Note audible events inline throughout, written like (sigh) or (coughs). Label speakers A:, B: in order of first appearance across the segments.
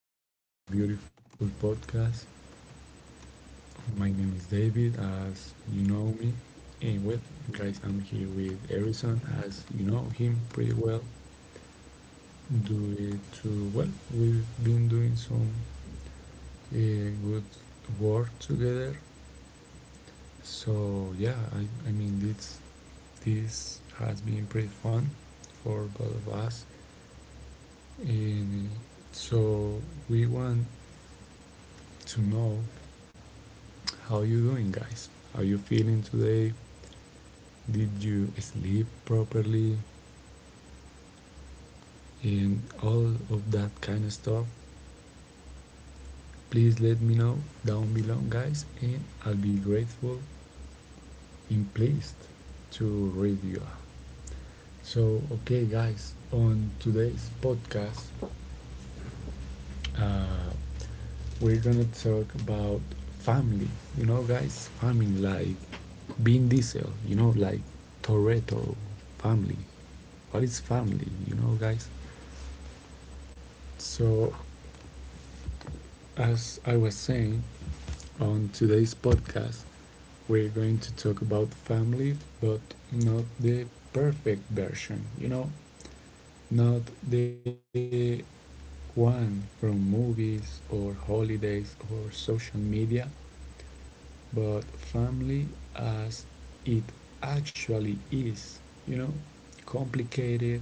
A: to our beautiful podcast. My name is David, as you know me, and well, guys, I'm here with Harrison, as you know him pretty well. Do it too well, we've been doing some good work together. So yeah, I mean this has been pretty fun for both of us, and so we want to know. How are you doing, guys? Are you feeling today? Did you sleep properly? And all of that kind of stuff. Please let me know down below, guys, and I'll be grateful and pleased to read you. So, okay, guys, on today's podcast, uh, we're gonna talk about family. You know, guys, family like being Diesel. You know, like Toretto family. What is family? You know, guys. So, as I was saying, on today's podcast, we're going to talk about family, but not the perfect version, you know? Not the one from movies or holidays or social media, but family as it actually is, you know? Complicated,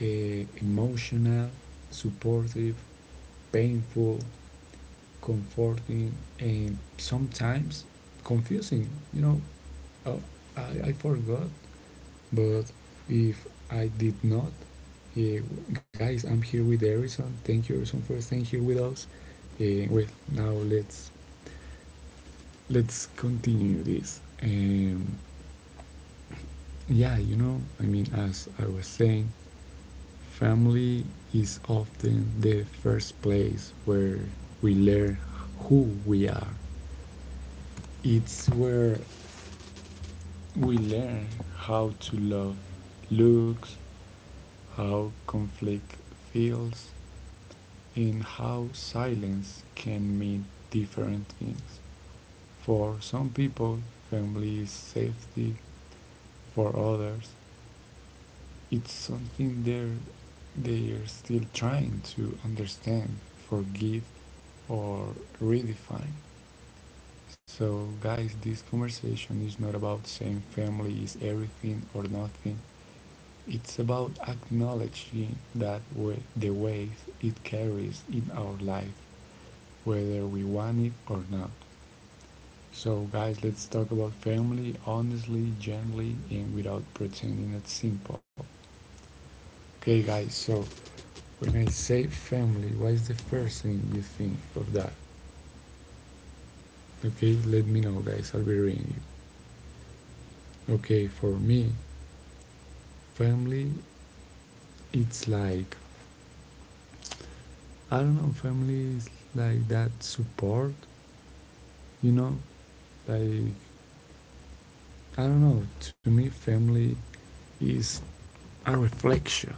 A: emotional, supportive, painful, comforting, and sometimes confusing. You know, uh, I forgot, but if I did not, uh, guys, I'm here with Harrison. Thank you, Harrison, for staying here with us. Well, now let's continue this. Yeah, you know, I mean, as I was saying, family is often the first place where we learn who we are. It's where we learn how to love looks, how conflict feels, and how silence can mean different things. For some people, family is safety; for others, it's something they're still trying to understand, forgive, or redefine. So, guys, this conversation is not about saying family is everything or nothing. It's about acknowledging that way, the weight it carries in our life, whether we want it or not. So, guys, let's talk about family honestly, gently, and without pretending it's simple. Okay, guys, so when I say family, what is the first thing you think of that? Okay, let me know, guys, I'll be reading you. Okay, for me, family, it's like, I don't know, family is like that support. You know, like, I don't know, to me, family is a reflection,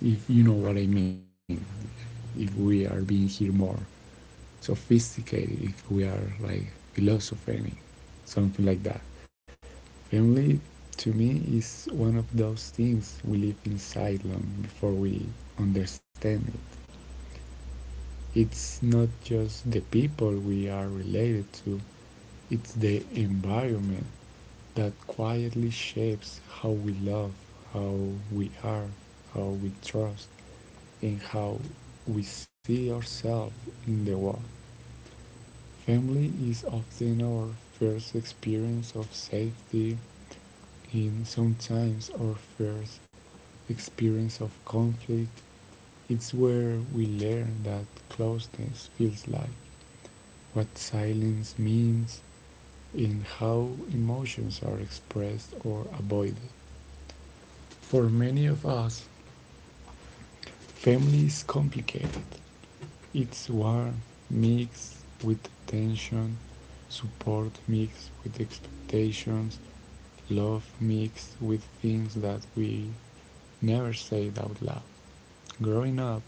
A: if you know what I mean. If we are being here more sophisticated, if we are like philosophizing, something like that. Family, to me, is one of those things we live inside long before we understand it. It's not just the people we are related to, it's the environment that quietly shapes how we love, how we are, how we trust, and how we see ourselves in the world. Family is often our first experience of safety, in sometimes our first experience of conflict, it's where we learn that closeness feels like, what silence means, and how emotions are expressed or avoided. For many of us, family is complicated. It's warm mixed with tension, support mixed with expectations, love mixed with things that we never said out loud. Growing up,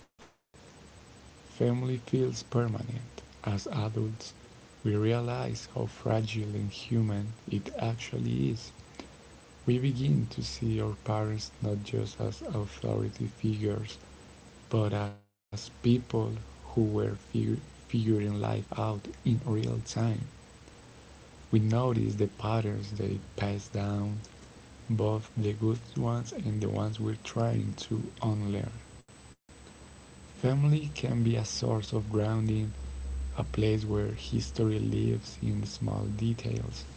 A: family feels permanent. As adults, we realize how fragile and human it actually is. We begin to see our parents not just as authority figures, but as people who were figuring life out in real time. We notice the patterns they pass down, both the good ones and the ones we're trying to unlearn. Family can be a source of grounding, a place where history lives in the small details.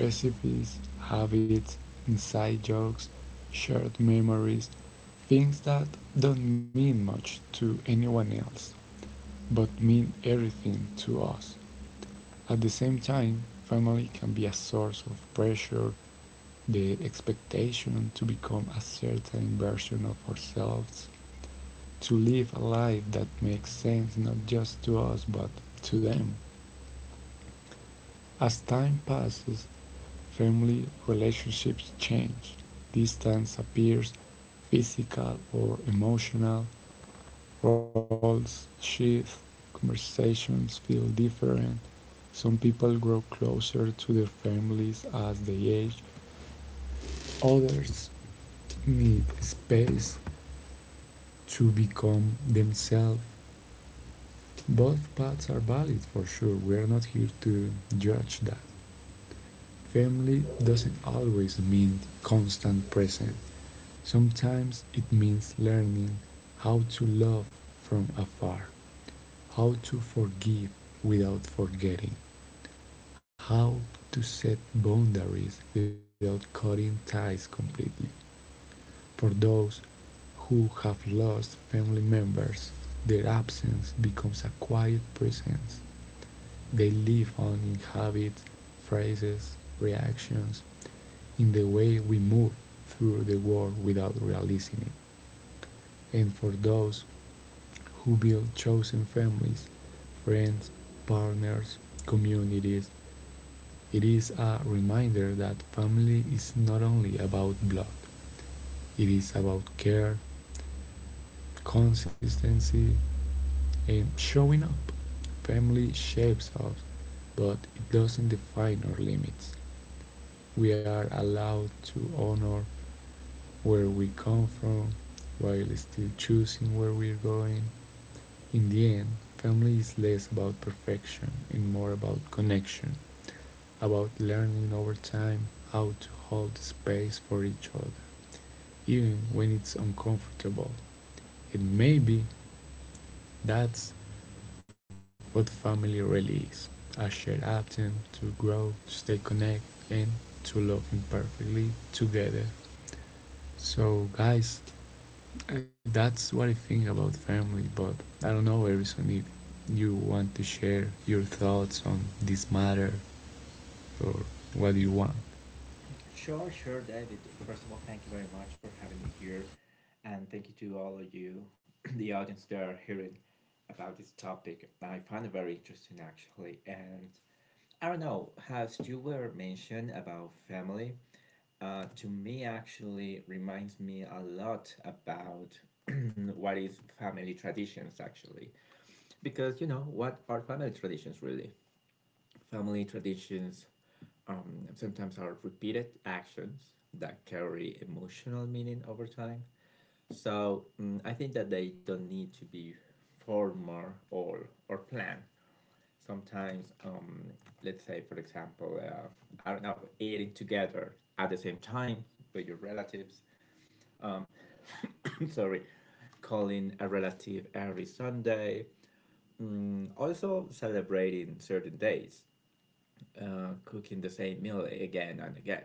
A: Recipes, habits, inside jokes, shared memories, things that don't mean much to anyone else, but mean everything to us. At the same time, family can be a source of pressure, the expectation to become a certain version of ourselves, to live a life that makes sense not just to us but to them. As time passes, family relationships change. Distance appears, physical or emotional, roles shift, conversations feel different. Some people grow closer to their families as they age, others need space to become themselves. Both paths are valid for sure, we are not here to judge that. Family doesn't always mean constant present. Sometimes it means learning how to love from afar, how to forgive without forgetting, how to set boundaries without cutting ties completely. For those who have lost family members, their absence becomes a quiet presence, they live on in habits, phrases, reactions, in the way we move through the world without realizing it. And for those who build chosen families, friends, partners, communities, it is a reminder that family is not only about blood, it is about care, consistency, and showing up. Family shapes us, but it doesn't define our limits. We are allowed to honor where we come from while still choosing where we're going. In the end, family is less about perfection and more about connection, about learning over time how to hold space for each other, even when it's uncomfortable. And maybe that's what family really is, a shared option to grow, to stay connected, and to love imperfectly together. So, guys, that's what I think about family, but I don't know, Harrison, if you want to share your thoughts on this matter or what you want.
B: Sure, sure, David. First of all, thank you very much for having me here, and thank you to all of you, (clears throat) the audience that are hearing about this topic. I find it very interesting, actually. And I don't know, as you were mentioned about family, to me actually reminds me a lot about (clears throat) what is family traditions, actually. Because, what are family traditions really? Family traditions sometimes are repeated actions that carry emotional meaning over time. So I think that they don't need to be formal or planned. Sometimes, let's say, for example, I don't know, eating together at the same time with your relatives. (coughs) (laughs) Sorry, calling a relative every Sunday. Also, celebrating certain days cooking the same meal again and again.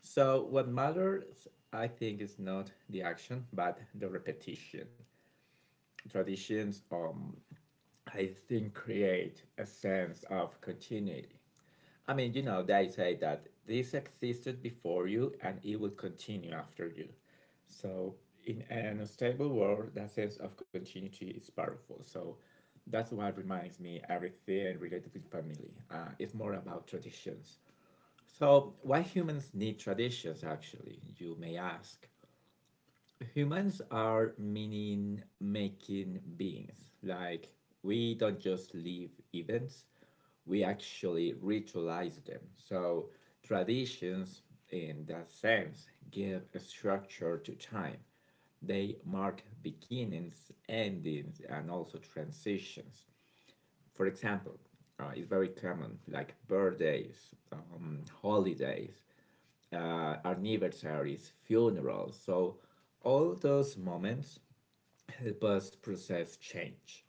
B: So, what matters, I think, is not the action, but the repetition. Traditions, I think, create a sense of continuity. I mean, they say that this existed before you and it will continue after you. So, in an unstable world, that sense of continuity is powerful. So, that's why it reminds me everything related with family. It's more about traditions, so why humans need traditions, actually, you may ask. Humans are meaning making beings. Like, we don't just live events, we actually ritualize them. So, traditions, in that sense, give a structure to time. They mark beginnings, endings, and also transitions. For example, it's very common, like birthdays, holidays, anniversaries, funerals. So all those moments help us process change.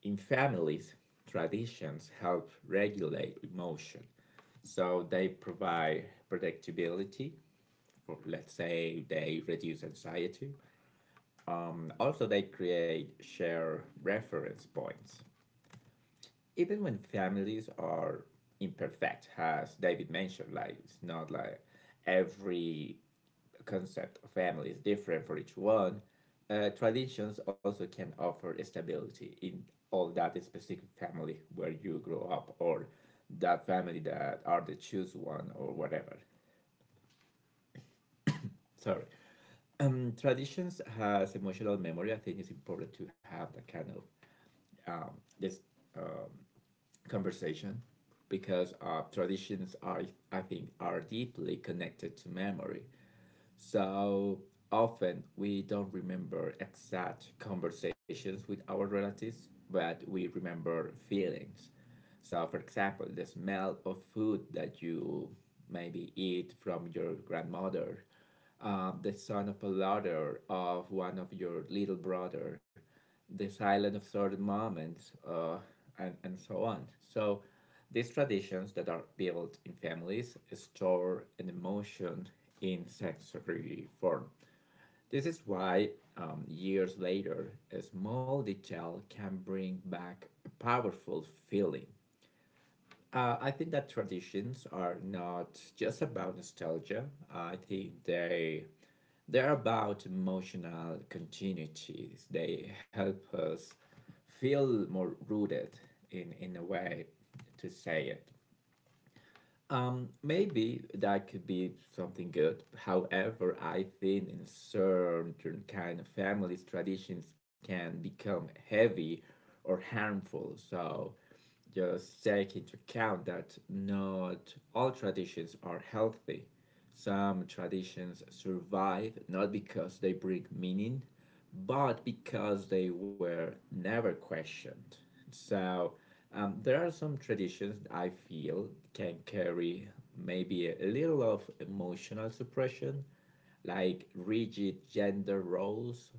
B: In families, traditions help regulate emotion. So they provide predictability. For, let's say, they reduce anxiety. And also, they create shared reference points, even when families are imperfect, as David mentioned. Like, it's not like every concept of family is different for each one. Traditions also can offer stability in all that specific family where you grow up, or that family that are the choose one or whatever. Sorry. Traditions has emotional memory. I think it's important to have that kind of um, this conversation, because traditions are, I think, are deeply connected to memory. So often we don't remember exact conversations with our relatives, but we remember feelings. So, for example, the smell of food that you maybe eat from your grandmother, the son of a laughter of one of your little brother, the silent of certain moments, and so on. So these traditions that are built in families store an emotion in sensory form. This is why, years later, a small detail can bring back a powerful feeling. I think that traditions are not just about nostalgia. I think they're about emotional continuities. They help us feel more rooted, in a way to say it. Maybe that could be something good. However, I think in certain kind of families, traditions can become heavy or harmful. So just take into account that not all traditions are healthy. Some traditions survive not because they bring meaning, but because they were never questioned. So there are some traditions I feel can carry maybe a little of emotional suppression, like rigid gender roles,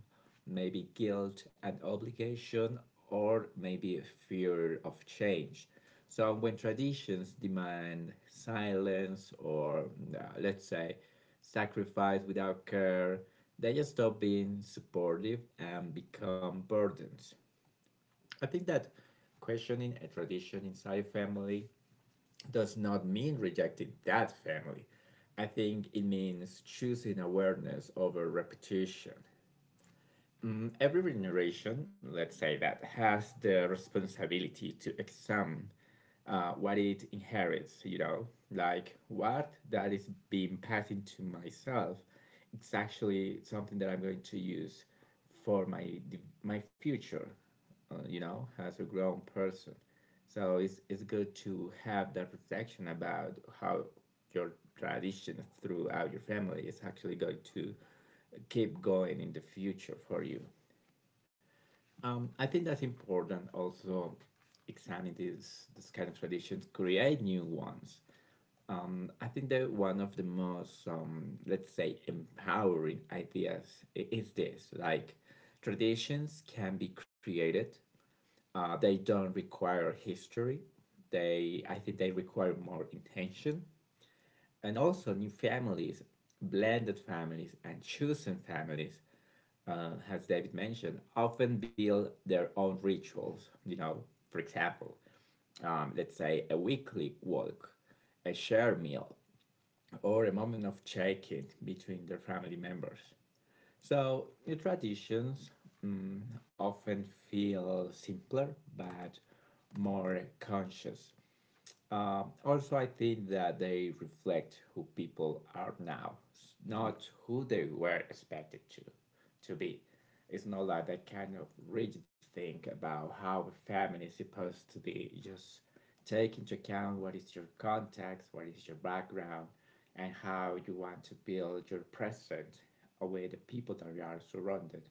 B: maybe guilt and obligation, or maybe fear of change. So when traditions demand silence or, let's say, sacrifice without care, they just stop being supportive and become burdens. I think that questioning a tradition inside a family does not mean rejecting that family. I think it means choosing awareness over repetition. Every generation, let's say that, has the responsibility to examine what it inherits, like what that is being passed to myself. It's actually something that I'm going to use for my future, as a grown person. So it's good to have that reflection about how your traditions throughout your family is actually going to keep going in the future for you. I think that's important also examine these this kind of traditions, create new ones. I think that one of the most, let's say, empowering ideas is this, like traditions can be created. They don't require history. They I think they require more intention, and also new families, blended families and chosen families, as David mentioned, often build their own rituals. For example, let's say, a weekly walk, a shared meal, or a moment of check-in between their family members. So new traditions mm, often feel simpler but more conscious. Also, I think that they reflect who people are now, not who they were expected to be. It's not like that kind of rigid thing about how a family is supposed to be. Just take into account what is your context, what is your background, and how you want to build your present with the people that you are surrounded,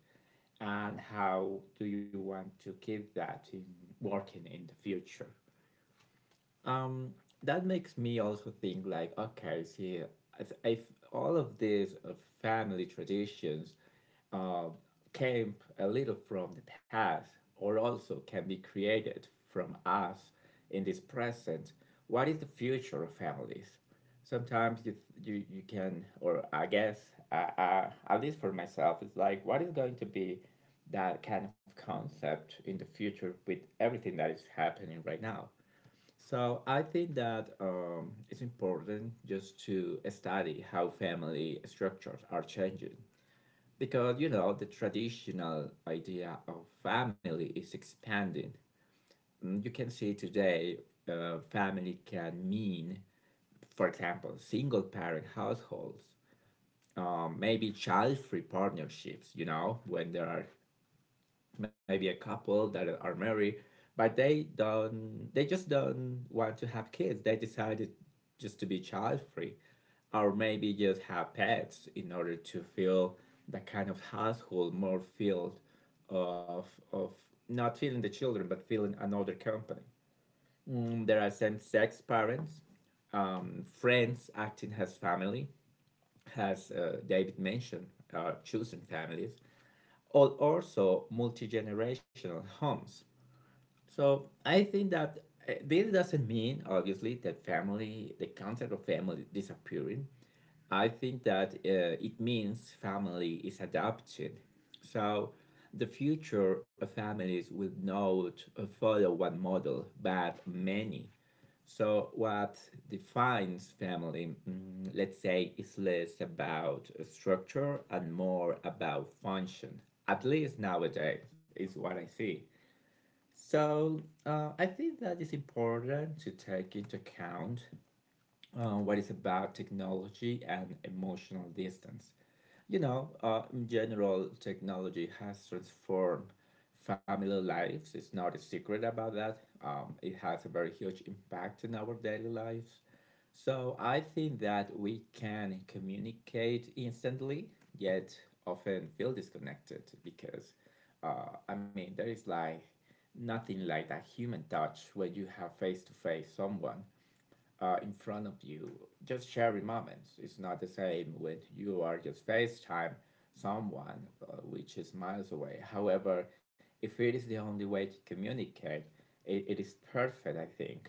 B: and how do you want to keep that in working in the future. That makes me also think, like, okay, see if, all of these family traditions uh, came a little from the past, or also can be created from us in this present, what is the future of families? Sometimes you can, or I guess, at least for myself it's like, what is going to be that kind of concept in the future with everything that is happening right now. So I think that it's important just to study how family structures are changing, because the traditional idea of family is expanding. You can see today, family can mean, for example, single parent households, maybe child free partnerships. You know when there are maybe a couple that are married, but they don't. They just don't want to have kids. They decided just to be child free, or maybe just have pets in order to feel that kind of household more filled of of not feeling the children but feeling another company. There are same sex parents, friends acting as family, as David mentioned, chosen families, or also multi generational homes. So I think that this doesn't mean, obviously, that family, the concept of family, is disappearing. I think that it means family is adapted. So the future of families will not follow one model, but many. So what defines family, let's say, is less about structure and more about function. At least nowadays, is what I see. So I think that is important to take into account what is about technology and emotional distance. In general, technology has transformed family lives. It's not a secret about that. It has a very huge impact in our daily lives. So I think that we can communicate instantly, yet often feel disconnected, because, I mean, there is like nothing like that human touch when you have face to face someone in front of you, just sharing moments. It's not the same when you are just FaceTime someone, which is miles away. However, if it is the only way to communicate, it is perfect, I think.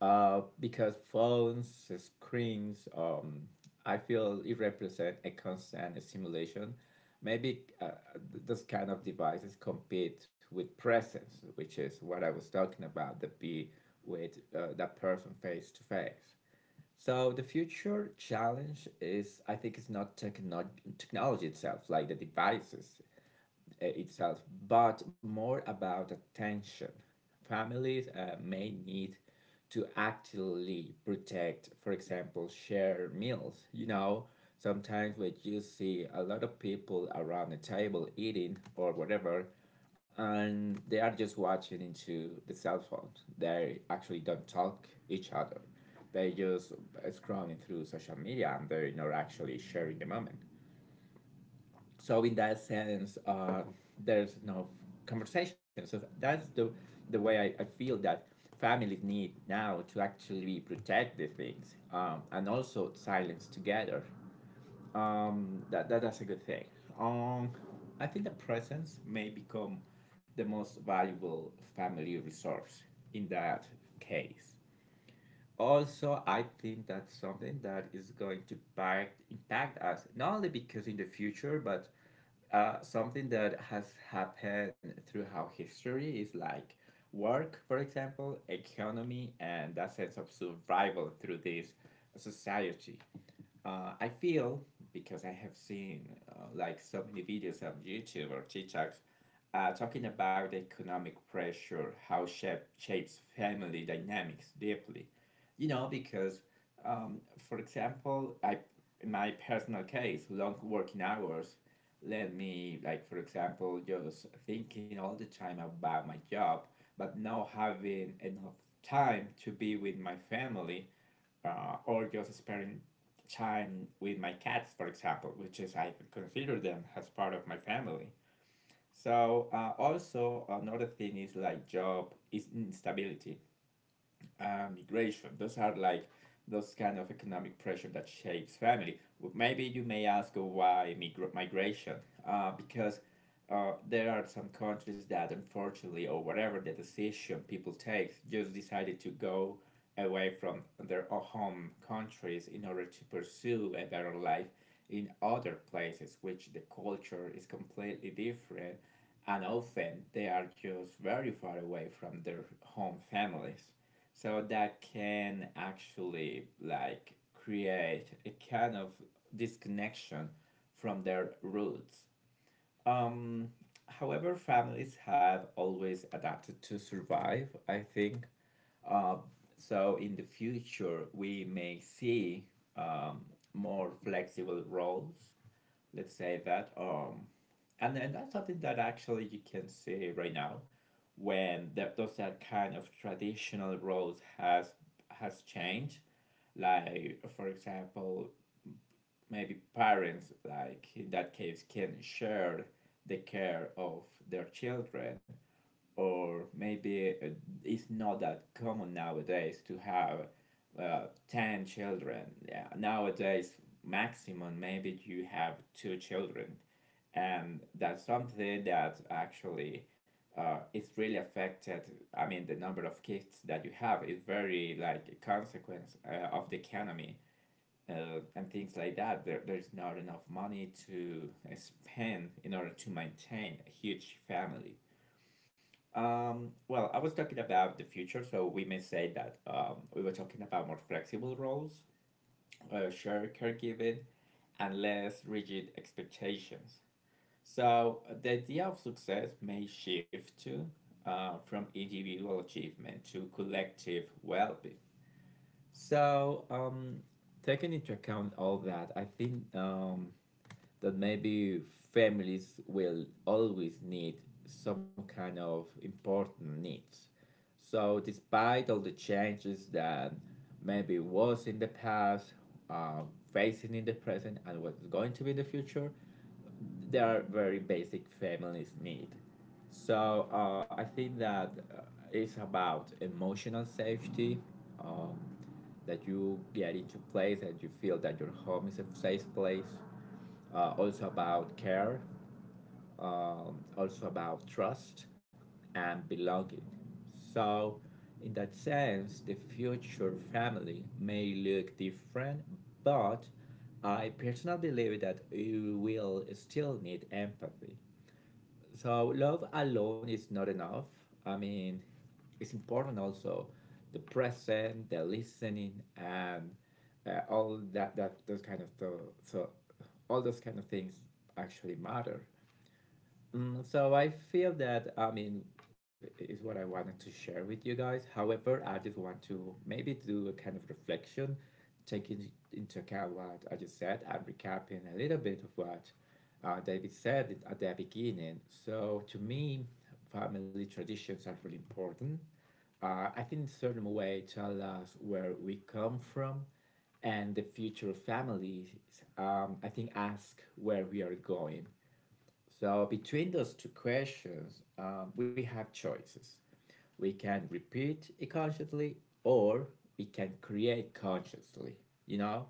B: Because phones, screens, I feel it represent a constant stimulation. Maybe this kind of devices compete with presence, which is what I was talking about, the be with, that person face to face. So the future challenge is, I think, it's not technology itself, like the devices itself, but more about attention. Families may need to actively protect, for example, share meals. Sometimes when you see a lot of people around the table eating or whatever, and they are just watching into the cell phones. They actually don't talk each other. They just scrolling through social media and they're not actually sharing the moment. So in that sense, there's no conversation. So that's the way I feel that families need now to actually protect the things, and also silence together. That's a good thing. Um, I think the presence may become the most valuable family resource in that case. Also, I think that's something that is going to impact us not only because in the future, but something that has happened throughout history is like work, for example, economy, and that sense of survival through this society. I feel, because I have seen like so many videos on YouTube or TikToks, talking about the economic pressure, how shapes family dynamics deeply. Because for example, I in my personal case, long working hours let me like, for example, just thinking all the time about my job, but not having enough time to be with my family, or just spending time with my cats, for example, which is I consider them as part of my family. So also another thing is like job is instability, migration. Those are like those kind of economic pressure that shapes family. Well, maybe you may ask why migration? Because there are some countries that, unfortunately or whatever the decision people take, just decided to go away from their home countries in order to pursue a better life in other places which the culture is completely different, and often they are just very far away from their home families, so that can actually like create a kind of disconnection from their roots. Um, however, families have always adapted to survive, I think. So in the future, we may see um, more flexible roles, let's say that, and then that's something that actually you can see right now, when that those that kind of traditional roles has changed. Like for example, maybe parents like in that case can share the care of their children. Or maybe it's not that common nowadays to have 10 children, yeah, nowadays maximum maybe you have two children. And that's something that actually it's really affected. I mean, the number of kids that you have is very like a consequence of the economy and things like that. There's not enough money to spend in order to maintain a huge family. Well, I was talking about the future, so we may say that, we were talking about more flexible roles, shared caregiving, and less rigid expectations. So the idea of success may shift to from individual achievement to collective well-being. So taking into account all that, I think, that maybe families will always need some kind of important needs. So despite all the changes that maybe was in the past, uh, facing in the present, and what's going to be in the future, they are very basic feminist need. So I think that it's about emotional safety, um, that you get into place that you feel that your home is a safe place. Also about care, also about trust and belonging. So, in that sense, the future family may look different, but I personally believe that you will still need empathy. So, love alone is not enough. I mean, it's important also the present, the listening, and all that, that those kind of th- so all those kind of things actually matter. Mm, so I feel that, I mean, is what I wanted to share with you guys. However, I just want to maybe do a kind of reflection, taking into account what I just said and recapping a little bit of what David said at the beginning. So to me, family traditions are really important. I think in certain way tell us where we come from, and the future of families, I think, ask where we are going. So between those two questions, we have choices. We can repeat it consciously, or we can create consciously, you know?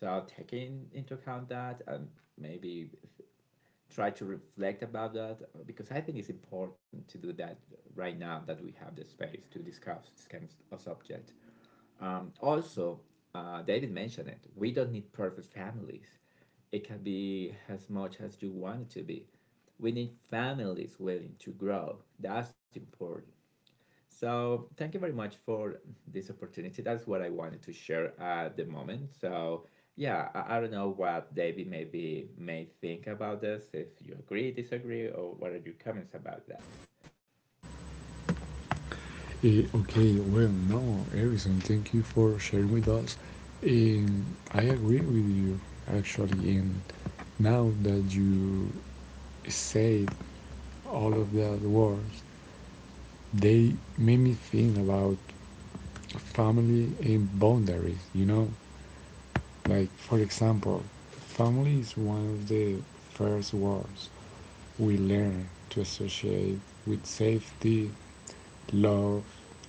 B: So taking into account that, and maybe try to reflect about that, because I think it's important to do that right now that we have the space to discuss this kind of subject. Also, David mentioned it. We don't need perfect families. It can be as much as you want it to be. We need families willing to grow. That's important. So thank you very much for this opportunity. That's what I wanted to share at the moment. So yeah, I don't know what David maybe may think about this. If you agree, disagree, or what are your comments about that?
A: Okay, well, no, Harrison, thank you for sharing with us. Um, I agree with you, actually, and now that you say all of that words, they made me think about family and boundaries, you know? Like, for example, family is one of the first words we learn to associate with safety, love,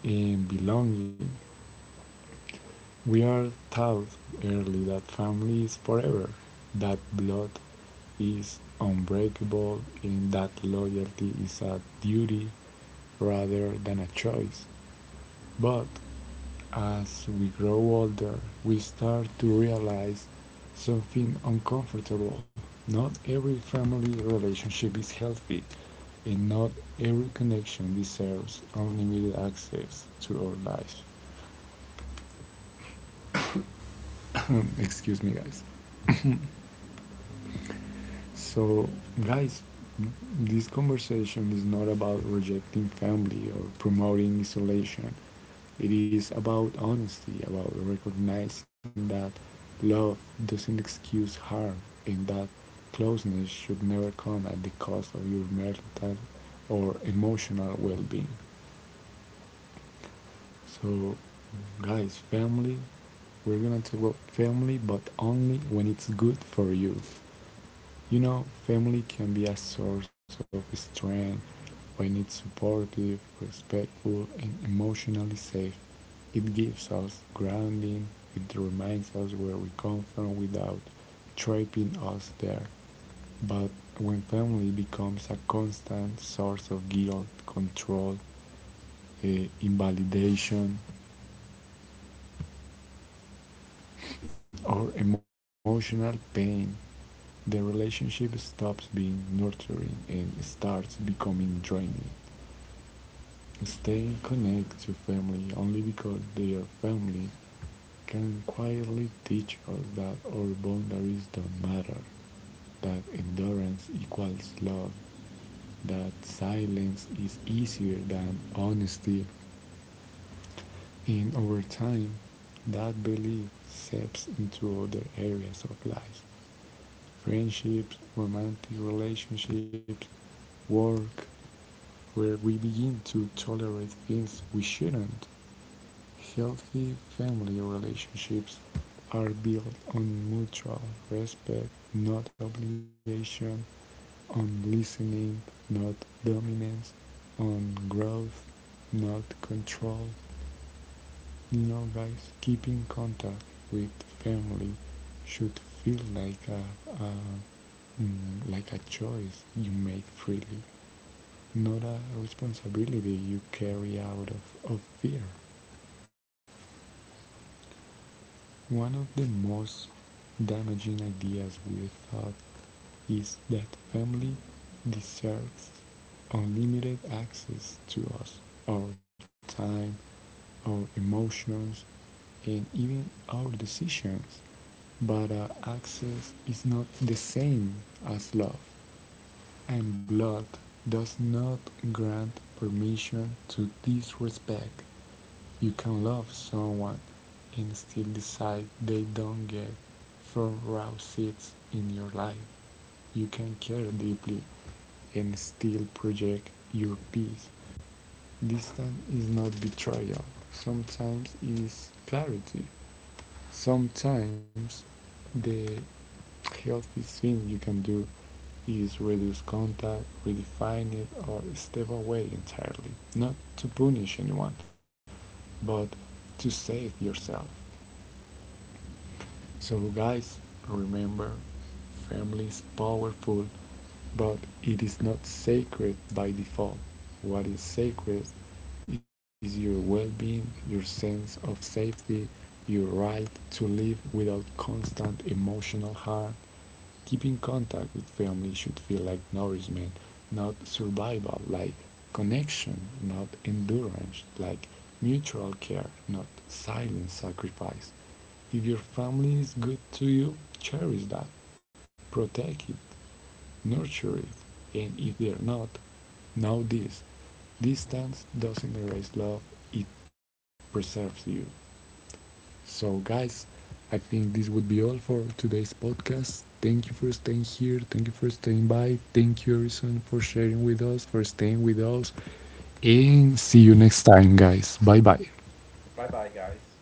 A: and belonging. We are taught early that family is forever, that blood is unbreakable, and that loyalty is a duty rather than a choice. But as we grow older, we start to realize something uncomfortable. Not every family relationship is healthy, and not every connection deserves unlimited access to our lives. (coughs) Excuse me, guys. So, guys, this conversation is not about rejecting family or promoting isolation. It is about honesty, about recognizing that love doesn't excuse harm and that closeness should never come at the cost of your mental or emotional well being. So, guys, family, we're gonna talk about family, but only when it's good for you. You know, family can be a source of strength when it's supportive, respectful, and emotionally safe. It gives us grounding, it reminds us where we come from without trapping us there. But when family becomes a constant source of guilt, control, invalidation, or emotional pain, the relationship stops being nurturing and starts becoming draining. Staying connected to family only because they are family can quietly teach us that our boundaries don't matter, that endurance equals love, that silence is easier than honesty. In over time, that belief seeps into other areas of life. Friendships, romantic relationships, work, where we begin to tolerate things we shouldn't. Healthy family relationships are built on mutual respect, not obligation, on listening, not dominance, on growth, not control. You know, guys, keeping contact with family should feel like a like a choice you make freely, not a responsibility you carry out of fear. One of the most damaging ideas we thought is that family deserves unlimited access to us, our time, our emotions, and even our decisions. But access is not the same as love. And blood does not grant permission to disrespect. You can love someone and still decide they don't get front row seats in your life. You can care deeply and still project your peace. Distance is not betrayal, sometimes it is clarity. Sometimes the healthy thing you can do is reduce contact, redefine it, or step away entirely. Not to punish anyone, but to save yourself. So, guys, remember family is powerful, but it is not sacred by default. What is sacred is your well being, your sense of safety, your right to live without constant emotional harm. Keeping contact with family should feel like nourishment, not survival, like connection, not endurance, like mutual care, not silent sacrifice. If your family is good to you, cherish that, protect it, nurture it, and if they're not, know this, distance doesn't erase love, it preserves you. So, guys, I think this would be all for today's podcast. Thank you for staying here. Thank you for staying by. Thank you, Harrison, for sharing with us, for staying with us. And see you next time, guys. Bye bye.
B: Bye bye, guys.